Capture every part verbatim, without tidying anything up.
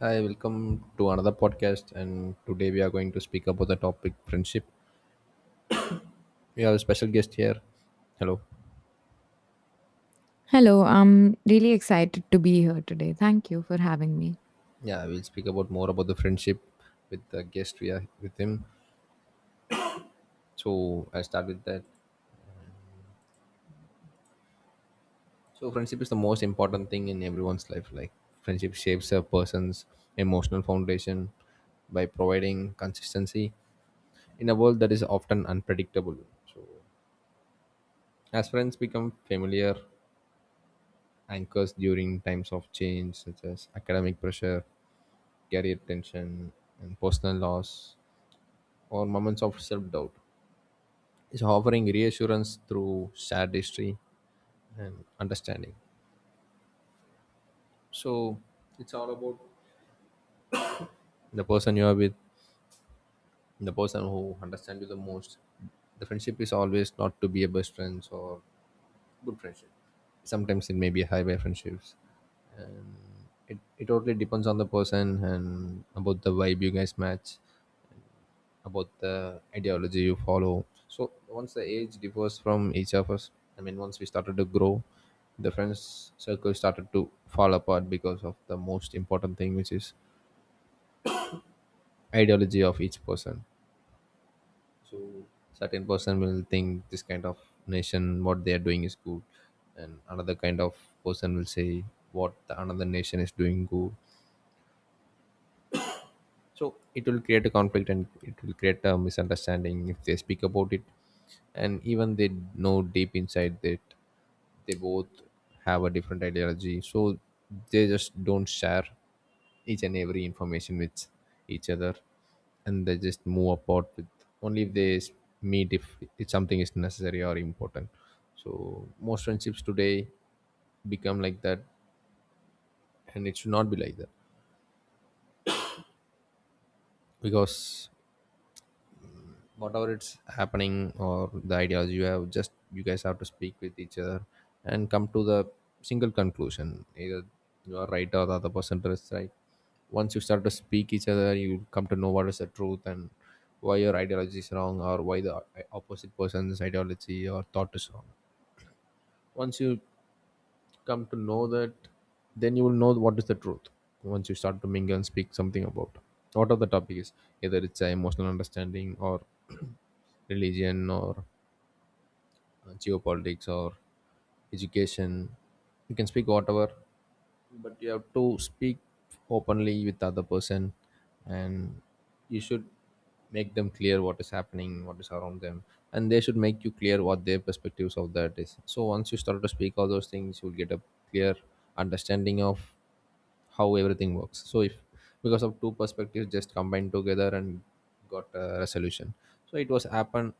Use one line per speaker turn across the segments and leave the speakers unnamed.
Hi, welcome to another podcast. And today we are going to speak about the topic friendship. We have a special guest here. Hello.
Hello, I'm really excited to be here today. Thank you for having me.
Yeah, we'll speak about more about the friendship with the guest we are with him. So I'll start with that. So friendship is the most important thing in everyone's life. Like friendship shapes a person's emotional foundation by providing consistency in a world that is often unpredictable. So as friends become familiar anchors during times of change such as academic pressure career tension, and personal loss, or moments of self doubt. It's offering reassurance through shared history and understanding. So it's all about the person you are with, the person who understands you the most. The friendship is always not to be a best friends or good friendship. Sometimes it may be high by friendships. It, it totally depends on the person and about the vibe you guys match about the ideology you follow. So once the age differs from each of us, I mean, once we started to grow, the friends circle started to fall apart because of the most important thing, which is ideology of each person. So certain person will think this kind of nation, what they are doing is good, and another kind of person will say what the another nation is doing good. So it will create a conflict and it will create a misunderstanding if they speak about it and even they know deep inside that they both have a different ideology, so they just don't share each and every information with each other, and they just move apart with only if they s- meet if, if something is necessary or important. So most friendships today become like that, and it should not be like that because whatever it's happening or the ideology you have, just you guys have to speak with each other and come to the single conclusion either you are right or the other person is right. Once you start to speak each other, you come to know what is the truth and why your ideology is wrong or why the opposite person's ideology or thought is wrong. Once you come to know that, then you will know what is the truth. Once you start to mingle and speak something about whatever the topic is, either it's a emotional understanding or religion or uh, geopolitics or education, you can speak whatever, but you have to speak openly with the other person, and you should make them clear what is happening, what is around them, and they should make you clear what their perspectives of that is. So once you start to speak all those things, you'll get a clear understanding of how everything works. So if because of two perspectives just combined together and got a resolution, so it was happen.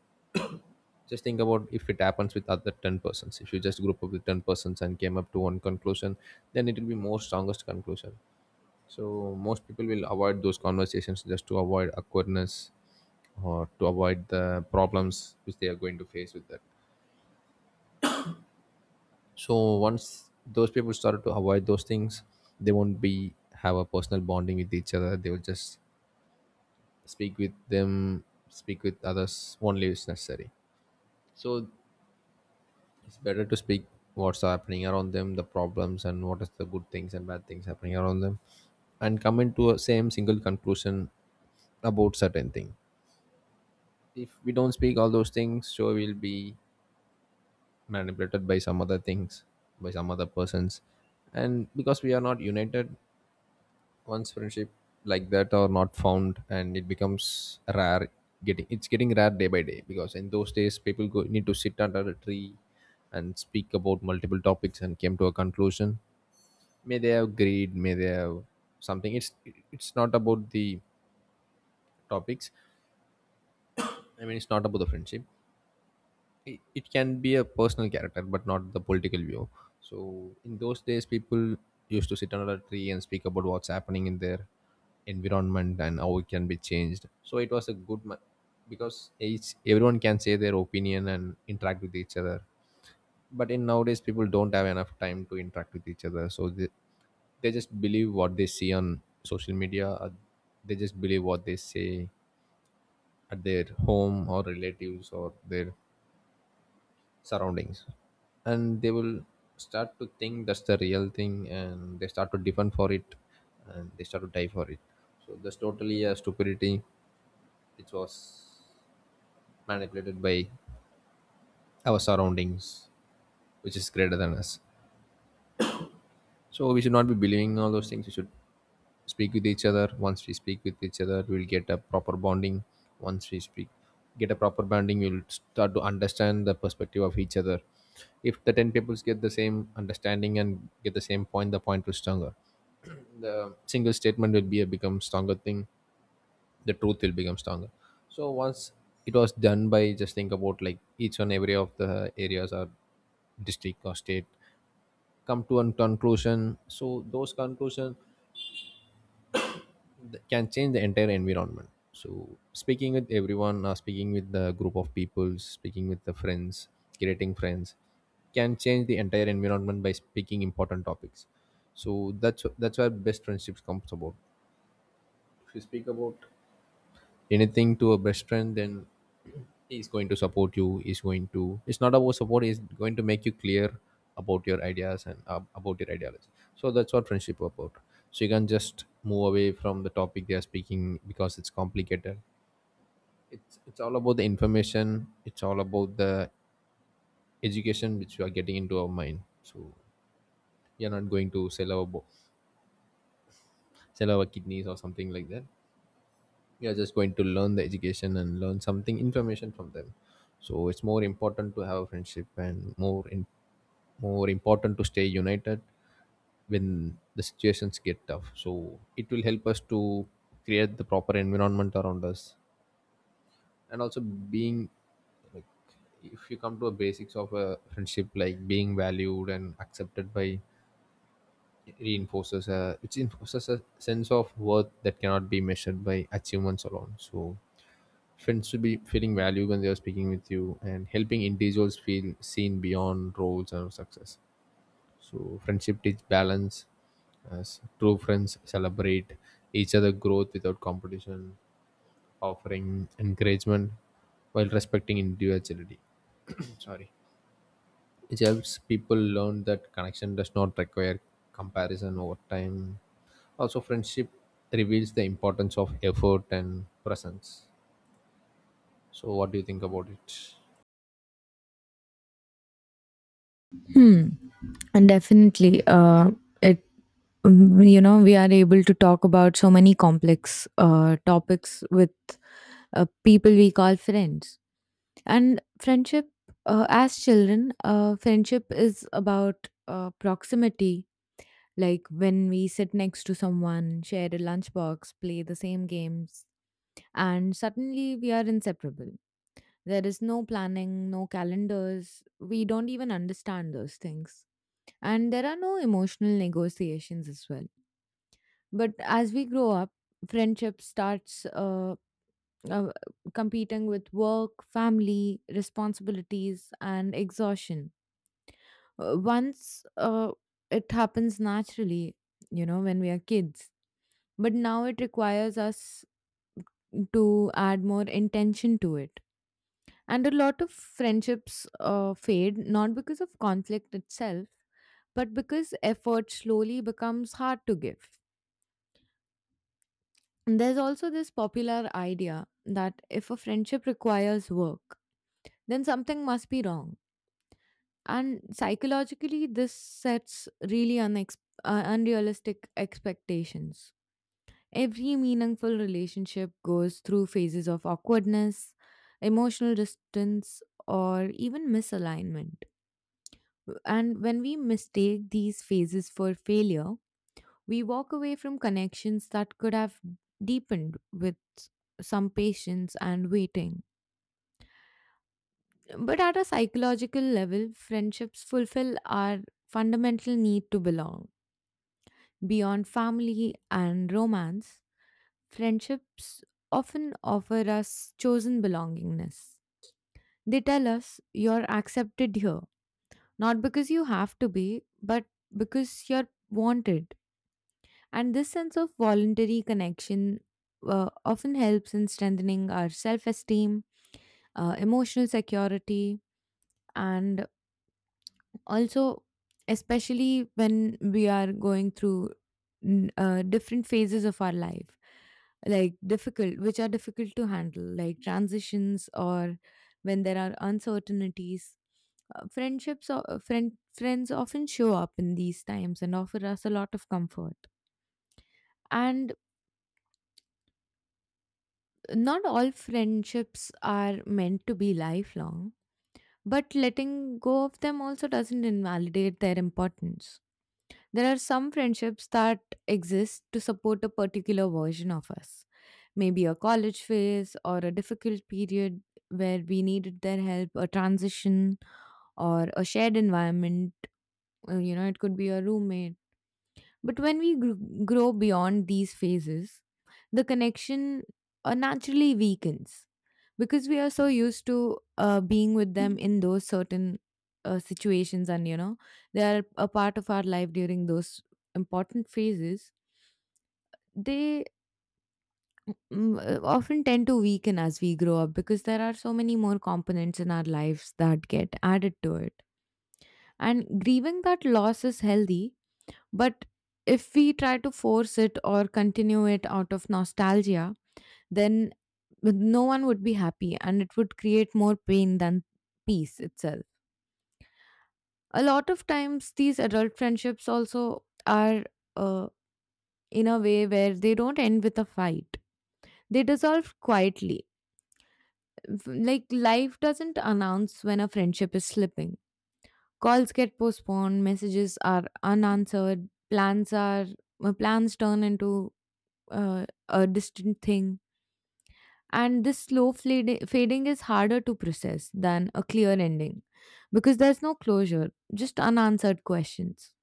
Just think about if it happens with other ten persons, if you just group up with ten persons and came up to one conclusion, then it will be more strongest conclusion. So most people will avoid those conversations just to avoid awkwardness or to avoid the problems which they are going to face with that. So once those people started to avoid those things, they won't be have a personal bonding with each other, they will just speak with them, speak with others only is necessary. So it's better to speak what's happening around them, the problems and what is the good things and bad things happening around them, and come into a same single conclusion about certain thing. If we don't speak all those things, sure we'll be manipulated by some other things, by some other persons, and because we are not united. Once friendship like that are not found, and it becomes rare, getting it's getting rare day by day because in those days people go need to sit under a tree and speak about multiple topics and came to a conclusion. May they have greed, may they have something, it's it's not about the topics. I mean, it's not about the friendship. It, it can be a personal character but not the political view. So in those days people used to sit under a tree and speak about what's happening in their environment and how it can be changed. So it was a good ma- because each everyone can say their opinion and interact with each other. But in nowadays people don't have enough time to interact with each other, so they, they just believe what they see on social media or they just believe what they say at their home or relatives or their surroundings. And they will start to think that's the real thing, and they start to defend for it, and they start to die for it. So that's totally a stupidity which was manipulated by our surroundings which is greater than us. So we should not be believing all those things. We should speak with each other. Once we speak with each other, we'll get a proper bonding. Once we speak, get a proper bonding, we'll start to understand the perspective of each other. If the ten peoples get the same understanding and get the same point, the point will stronger. The single statement will be a become stronger thing. The truth will become stronger. So once it was done by just think about like each and every of the areas or district or state come to a conclusion, so those conclusions th- can change the entire environment. So speaking with everyone, uh, speaking with the group of people, speaking with the friends, creating friends can change the entire environment by speaking important topics. So that's that's where best friendships comes about. If you speak about anything to a best friend, then he's going to support you, he's going to, it's not about support, he's going to make you clear about your ideas and uh, about your ideology. So that's what friendship about. So you can just move away from the topic they are speaking because it's complicated. It's it's all about the information, it's all about the education which we are getting into our mind. So we are not going to sell our bo- sell our kidneys or something like that. You're just going to learn the education and learn something information from them. So it's more important to have a friendship and more in, more important to stay united when the situations get tough. So it will help us to create the proper environment around us. And also being like if you come to a basics of a friendship, like being valued and accepted by reinforces a, it reinforces a sense of worth that cannot be measured by achievements alone. So friends should be feeling value when they are speaking with you and helping individuals feel seen beyond roles and success. So friendship teach balance as true friends celebrate each other growth without competition, offering encouragement while respecting individuality. Sorry. It helps people learn that connection does not require comparison over time. Also friendship reveals the importance of effort and presence. So what do you think about it?
Hmm, and definitely, uh, it mm, you know we are able to talk about so many complex uh, topics with uh, people we call friends. And friendship, uh, as children, uh, friendship is about uh, proximity. Like when we sit next to someone, share a lunchbox, play the same games, and suddenly we are inseparable. There is no planning, no calendars. We don't even understand those things. And there are no emotional negotiations as well. But as we grow up, friendship starts uh, uh, competing with work, family, responsibilities, and exhaustion. Uh, Once uh, it happens naturally, you know, when we are kids. But now it requires us to add more intention to it. And a lot of friendships uh, fade not because of conflict itself, but because effort slowly becomes hard to give. And there's also this popular idea that if a friendship requires work, then something must be wrong. And psychologically, this sets really unex- uh, unrealistic expectations. Every meaningful relationship goes through phases of awkwardness, emotional distance, or even misalignment. And when we mistake these phases for failure, we walk away from connections that could have deepened with some patience and waiting. But at a psychological level, friendships fulfill our fundamental need to belong. Beyond family and romance, friendships often offer us chosen belongingness. They tell us you're accepted here, not because you have to be, but because you're wanted. And this sense of voluntary connection uh, often helps in strengthening our self esteem, uh, emotional security, and also, especially when we are going through n- uh, different phases of our life, like difficult, which are difficult to handle, like transitions or when there are uncertainties. Uh, friendships or friend, friends often show up in these times and offer us a lot of comfort. And not all friendships are meant to be lifelong, but letting go of them also doesn't invalidate their importance. There are some friendships that exist to support a particular version of us, maybe a college phase or a difficult period where we needed their help, a transition or a shared environment. uh, You know, it could be a roommate. But when we gr- grow beyond these phases, the connection uh, naturally weakens because we are so used to uh, being with them in those certain uh, situations, and you know they are a part of our life during those important phases. They mm, uh, often tend to weaken as we grow up because there are so many more components in our lives that get added to it, and grieving that loss is healthy. But if we try to force it or continue it out of nostalgia, then no one would be happy, and it would create more pain than peace itself. A lot of times, these adult friendships also are uh, in a way where they don't end with a fight, they dissolve quietly. F- Like life doesn't announce when a friendship is slipping. Calls get postponed, messages are unanswered, plans are uh, plans turn into uh, a distant thing. And this slow fading, fading is harder to process than a clear ending because there's no closure, just unanswered questions.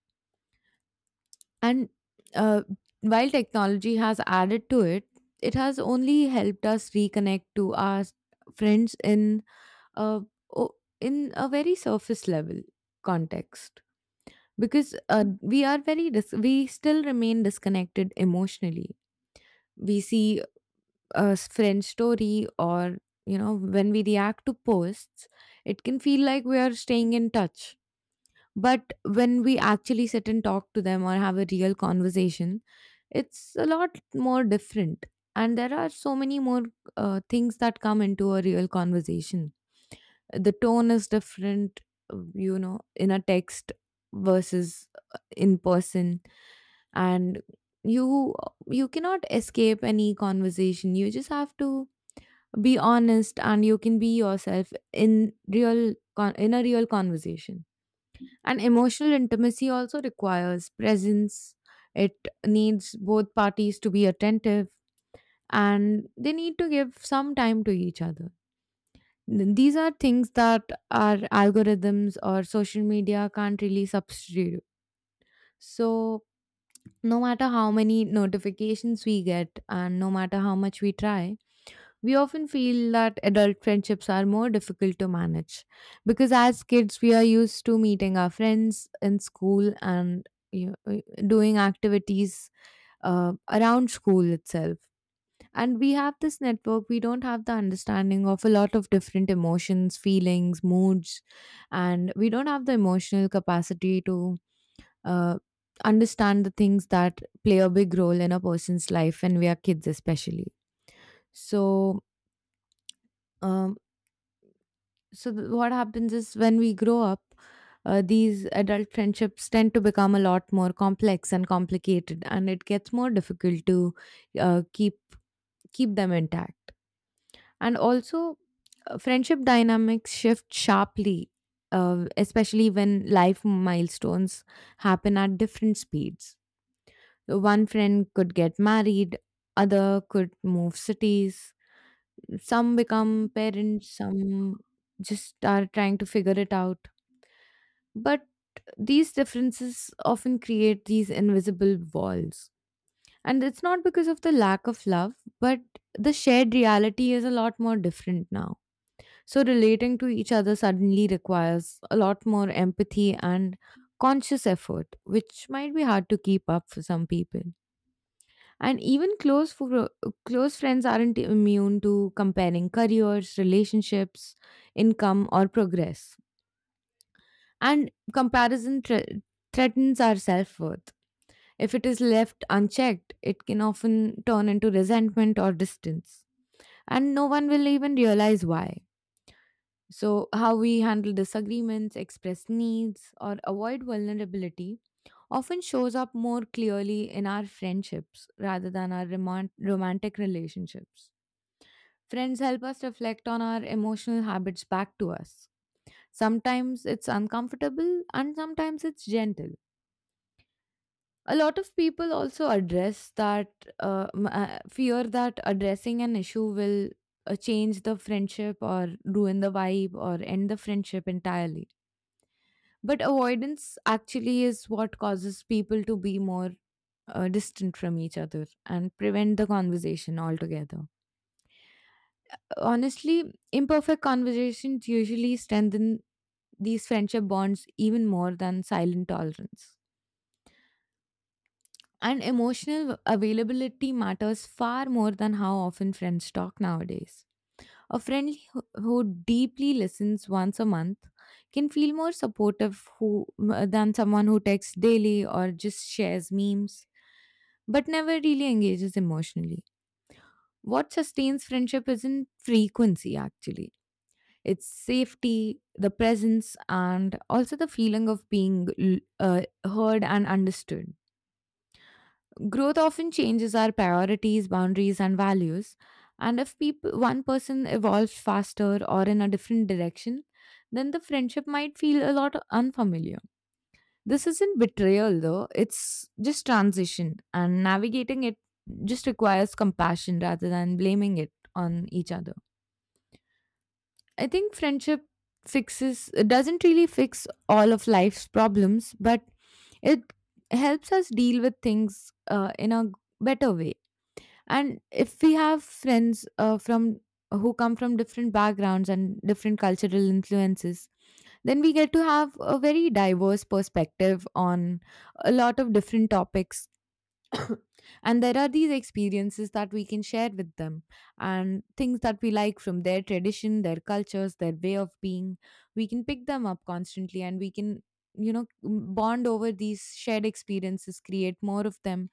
And uh, while technology has added to it, it has only helped us reconnect to our friends in a, o- in a very surface level context, because uh, we are very dis- we still remain disconnected emotionally. We see a s- friend story, or you know, when we react to posts, it can feel like we are staying in touch. But when we actually sit and talk to them or have a real conversation, it's a lot more different. And there are so many more uh, things that come into a real conversation. The tone is different, uh, you know, in a text versus uh, in person. And you you cannot escape any conversation, you just have to be honest, and you can be yourself in real con- in a real conversation. And emotional intimacy also requires presence. It needs both parties to be attentive, and they need to give some time to each other. N- these are things that our algorithms or social media can't really substitute. So no matter how many notifications we get, and no matter how much we try, we often feel that adult friendships are more difficult to manage because as kids, we are used to meeting our friends in school and, you know, uh, doing activities uh, around school itself. And we have this network, we don't have the understanding of a lot of different emotions, feelings, moods, and we don't have the emotional capacity to uh, understand the things that play a big role in a person's life when we are kids, especially. So, um, so th- what happens is when we grow up, uh, these adult friendships tend to become a lot more complex and complicated, and it gets more difficult to uh, keep keep them intact. And also, uh, friendship dynamics shift sharply, uh, especially when life milestones happen at different speeds. One friend could get married, other could move cities, some become parents, some just are trying to figure it out. But these differences often create these invisible walls. And it's not because of the lack of love, but the shared reality is a lot more different now. So relating to each other suddenly requires a lot more empathy and conscious effort, which might be hard to keep up for some people. And even close for, close friends aren't immune to comparing careers, relationships, income, or progress. And comparison thre threatens our self worth. If it is left unchecked, it can often turn into resentment or distance. And no one will even realize why. So, how we handle disagreements, express needs, or avoid vulnerability often shows up more clearly in our friendships rather than our romant- romantic relationships. Friends help us reflect on our emotional habits back to us. Sometimes it's uncomfortable and sometimes it's gentle. A lot of people also address that uh, m- uh, fear that addressing an issue will uh, change the friendship, or ruin the vibe, or end the friendship entirely. But avoidance actually is what causes people to be more uh, distant from each other and prevent the conversation altogether. Honestly, imperfect conversations usually strengthen these friendship bonds even more than silent tolerance. And emotional availability matters far more than how often friends talk nowadays. A friend who who deeply listens once a month can feel more supportive who, than someone who texts daily or just shares memes, but never really engages emotionally. What sustains friendship isn't frequency, actually. It's safety, the presence, and also the feeling of being l- uh, heard and understood. Growth often changes our priorities, boundaries, and values. And if people, one person evolves faster or in a different direction, then the friendship might feel a lot unfamiliar. This isn't betrayal though, it's just transition, and navigating it just requires compassion rather than blaming it on each other. I think friendship fixes, it doesn't really fix all of life's problems, but it helps us deal with things uh, in a better way. And if we have friends uh, from who come from different backgrounds and different cultural influences, then we get to have a very diverse perspective on a lot of different topics. And there are these experiences that we can share with them, and things that we like from their tradition, their cultures, their way of being. We can pick them up constantly, and we can, you know, bond over these shared experiences, create more of them.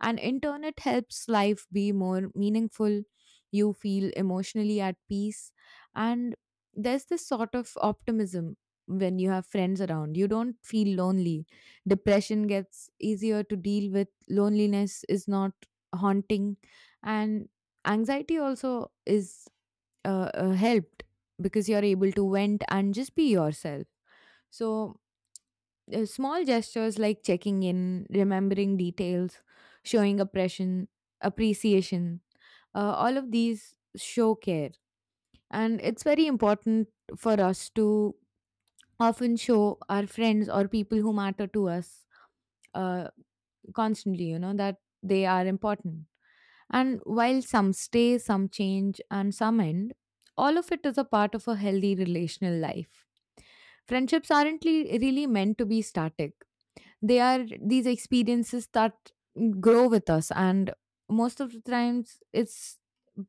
And in turn, it helps life be more meaningful. You feel emotionally at peace. And there's this sort of optimism. When you have friends around, you don't feel lonely, depression gets easier to deal with, loneliness is not haunting, and anxiety also is uh, uh, helped, because you're able to vent and just be yourself. So uh, small gestures like checking in, remembering details, showing oppression, appreciation, uh, all of these show care. And it's very important for us to often show our friends or people who matter to us, uh, constantly, you know, that they are important. And while some stay, some change, and some end, all of it is a part of a healthy relational life. Friendships aren't le- really meant to be static. They are these experiences that grow with us. And most of the times, it's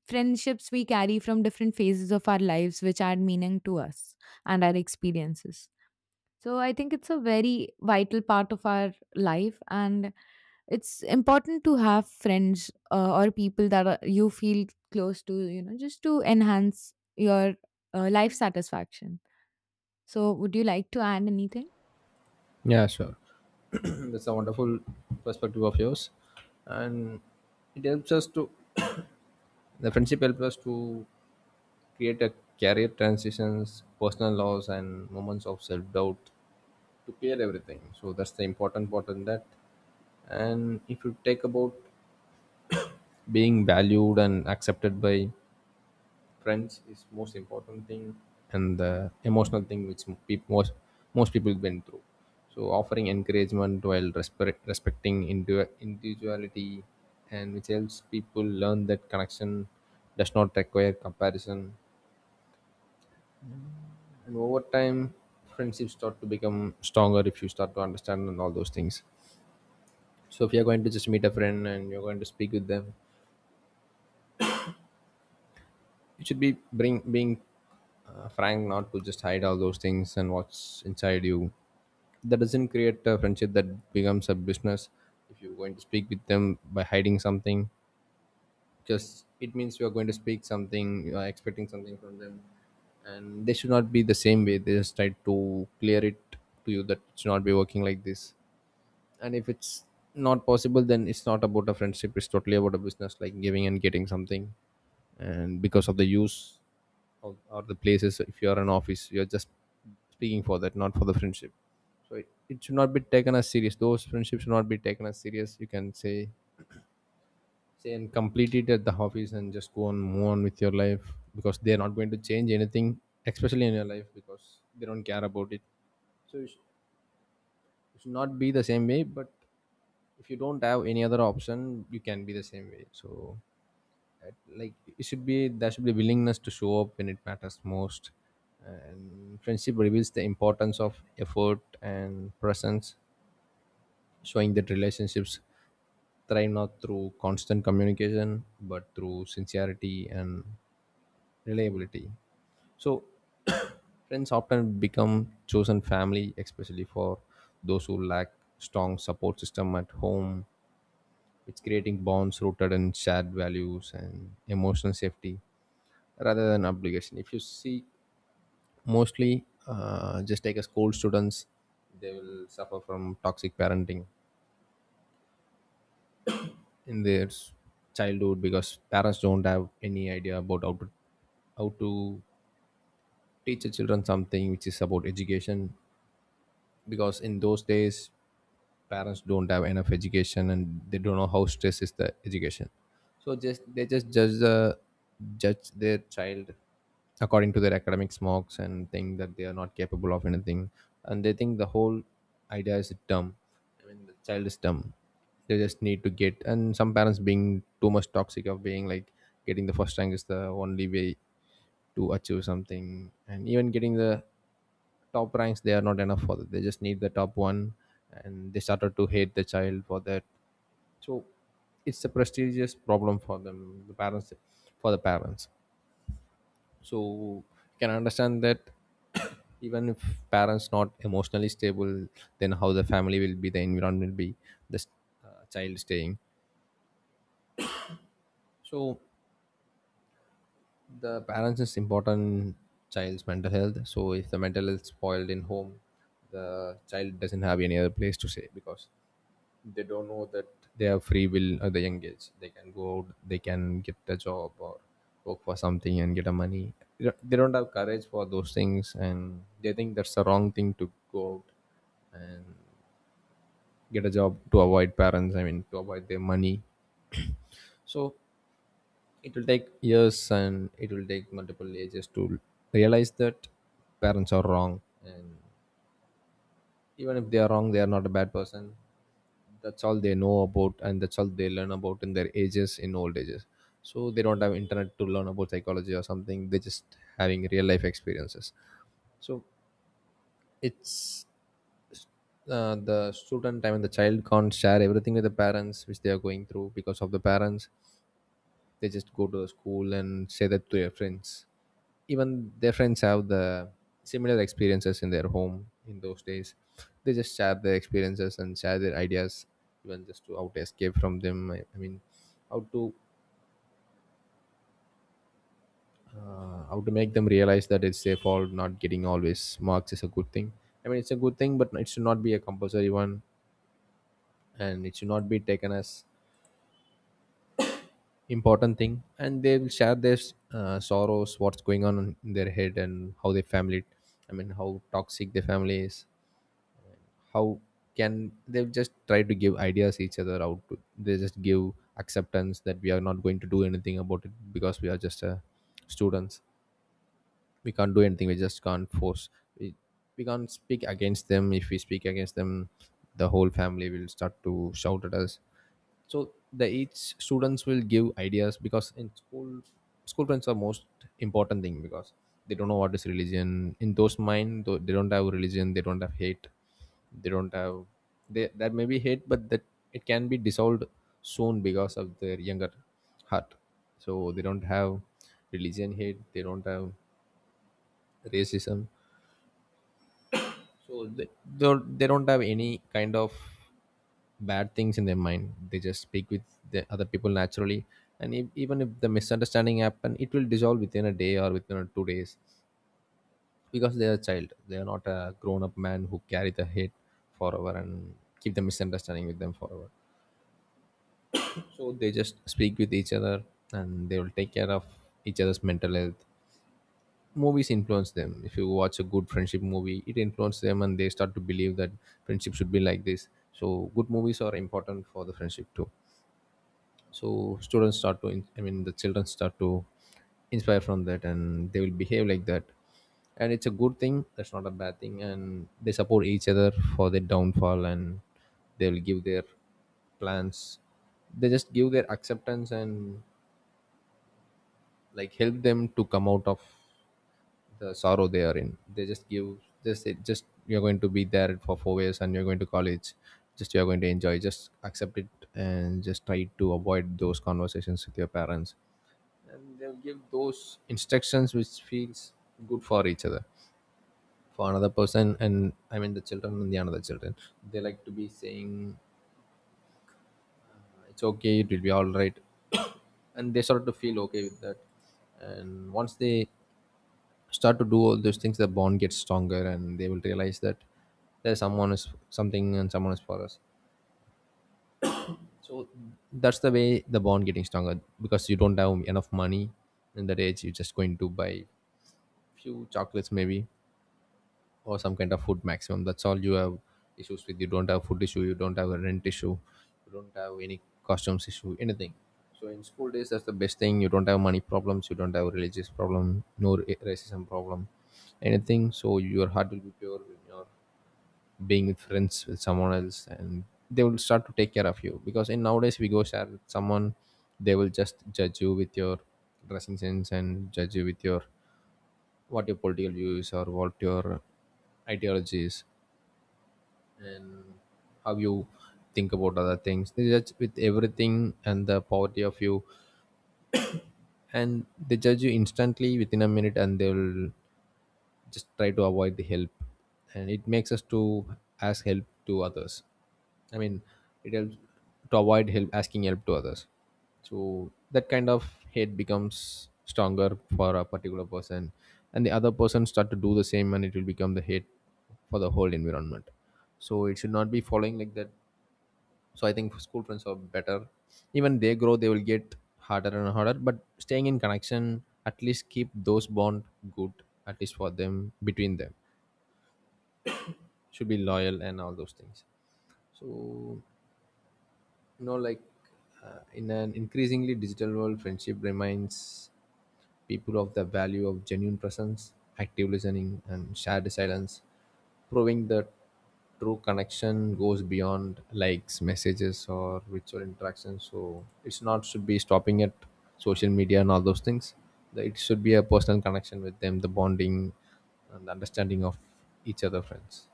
friendships we carry from different phases of our lives which add meaning to us and our experiences. So I think it's a very vital part of our life, and it's important to have friends, uh, or people that are, you feel close to, you know, just to enhance your uh, life satisfaction. So would you like to add anything?
Yeah, sure. That's a wonderful perspective of yours, and it helps us to, the friendship helps us to create a career transitions, personal loss, and moments of self doubt to clear everything. So that's the important part in that. And if you take about being valued and accepted by friends is most important thing, and the emotional thing which peop most most people went through. So offering encouragement while respect, respecting indu- individuality and which helps people learn that connection does not require comparison. And over time, friendships start to become stronger if you start to understand and all those things. So if you're going to just meet a friend and you're going to speak with them, it should be bring being uh, frank, not to just hide all those things and what's inside you. That doesn't create a friendship, that becomes a business, if you're going to speak with them by hiding something, because it means you are going to speak something, you are expecting something from them. And they should not be the same way, they just try to clear it to you that it should not be working like this. And if it's not possible, then it's not about a friendship, it's totally about a business, like giving and getting something. And because of the use of, or the places, if you are an office, you're just speaking for that, not for the friendship. So it, it should not be taken as serious, those friendships should not be taken as serious, you can say say and complete it at the office and just go on, move on with your life, because they're not going to change anything, especially in your life, because they don't care about it. It should not be the same way, but if you don't have any other option, you can be the same way. So at- like, it should be, there should be willingness to show up when it matters most. And friendship reveals the importance of effort and presence, showing that relationships thrive not through constant communication but through sincerity and reliability. So friends often become chosen family, especially for those who lack strong support system at home. It's creating bonds rooted in shared values and emotional safety rather than obligation. If you see, mostly uh, just take a school students, they will suffer from toxic parenting in their s- childhood, because parents don't have any idea about how to how to teach the children something which is about education. Because in those days parents don't have enough education and they don't know how stress is the education. So just they just judge the judge their child according to their academic marks and think that they are not capable of anything. And they think the whole idea is dumb, I mean the child is dumb. They just need to get, and some parents being too much toxic, of being like getting the first rank is the only way to achieve something. And even getting the top ranks, they are not enough for that, they just need the top one. And they started to hate the child for that. So it's a prestigious problem for them, the parents, for the parents So you can understand that. Even if parents not emotionally stable, then how the family will be, the environment will be, the uh, child staying. So the parents is important, child's mental health. So if the mental health spoiled in home, the child doesn't have any other place to say, because they don't know that they have free will. At the young age, they can go out, they can get a job or work for something and get a money. They don't they don't have courage for those things, and they think that's the wrong thing, to go out and get a job to avoid parents, I mean to avoid their money. So it will take years, and it will take multiple ages to realize that parents are wrong. And even if they are wrong, they are not a bad person. That's all they know about, and that's all they learn about in their ages, in old ages. So they don't have internet to learn about psychology or something. They're just having real life experiences. So it's uh, the student, I mean the child, can't share everything with the parents which they are going through, because of the parents. They just go to the school and say that to their friends. Even their friends have the similar experiences in their home. In those days, they just share their experiences and share their ideas, even just to out escape from them. i, I mean, how to uh, how to make them realize that it's their fault, not getting always marks is a good thing. I mean, it's a good thing, but it should not be a compulsory one, and it should not be taken as important thing. And they will share their uh, sorrows, what's going on in their head, and how their family, I mean how toxic their family is, how can they, just try to give ideas each other out to, they just give acceptance that we are not going to do anything about it, because we are just uh, students, we can't do anything, we just can't force. we, we can't speak against them. If we speak against them, the whole family will start to shout at us. So the each students will give ideas, because in school, school friends are most important thing, because they don't know what is religion in those mind. Though they don't have religion, they don't have hate, they don't have, they that may be hate, but that it can be dissolved soon because of their younger heart. So they don't have religion hate, they don't have racism. so they, they don't, they don't have any kind of bad things in their mind. They just speak with the other people naturally. And if, even if the misunderstanding happen, it will dissolve within a day or within a two days, because they are a child, they are not a grown-up man who carry the hate forever and keep the misunderstanding with them forever. So they just speak with each other, and they will take care of each other's mental health. Movies influence them. If you watch a good friendship movie, it influences them, and they start to believe that friendship should be like this. So good movies are important for the friendship too. So students start to in- I mean, the children start to inspire from that, and they will behave like that. And it's a good thing, that's not a bad thing, and they support each other for their downfall. And they will give their plans, they just give their acceptance, and like help them to come out of the sorrow they are in. They just give, just say, just you're going to be there for four years, and you're going to college. Just you're going to enjoy. Just accept it, and just try to avoid those conversations with your parents. And they'll give those instructions which feels good for each other. For another person, and I mean the children and the another children. They like to be saying, it's okay, it will be alright. And they start to feel okay with that. And once they start to do all those things, the bond gets stronger, and they will realize that there's someone is something and someone is for us. So that's the way the bond getting stronger, because you don't have enough money. In that age, you're just going to buy few chocolates maybe, or some kind of food maximum, that's all you have issues with. You don't have food issue, you don't have a rent issue, you don't have any costumes issue, anything. So in school days, that's the best thing, you don't have money problems, you don't have religious problem, no ra- racism problem, anything. So your heart will be pure when you're being with friends with someone else. And they will start to take care of you, because in nowadays we go share with someone, they will just judge you with your dressing sense, and judge you with your what your political views, or what your ideologies, and how you think about other things. They judge with everything, and the poverty of you, and they judge you instantly within a minute, and they'll just try to avoid the help. And it makes us to ask help to others. I mean, it helps to avoid help, asking help to others. So that kind of hate becomes stronger for a particular person, and the other person start to do the same, and it will become the hate for the whole environment. So it should not be following like that. So I think school friends are better. Even they grow, they will get harder and harder, but staying in connection at least keep those bond good, at least for them, between them, should be loyal and all those things. So you know, like, uh, in an increasingly digital world, friendship remains people of the value of genuine presence, active listening, and shared silence, proving that true connection goes beyond likes, messages, or virtual interactions. So it's not should be stopping at social media and all those things. The- It should be a personal connection with them, the bonding and the understanding of each other friends.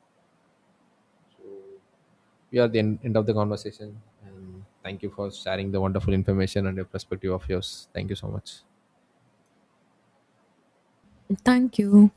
We are at the end, end of the conversation, and thank you for sharing the wonderful information and your perspective of yours. Thank you so much.
Thank you.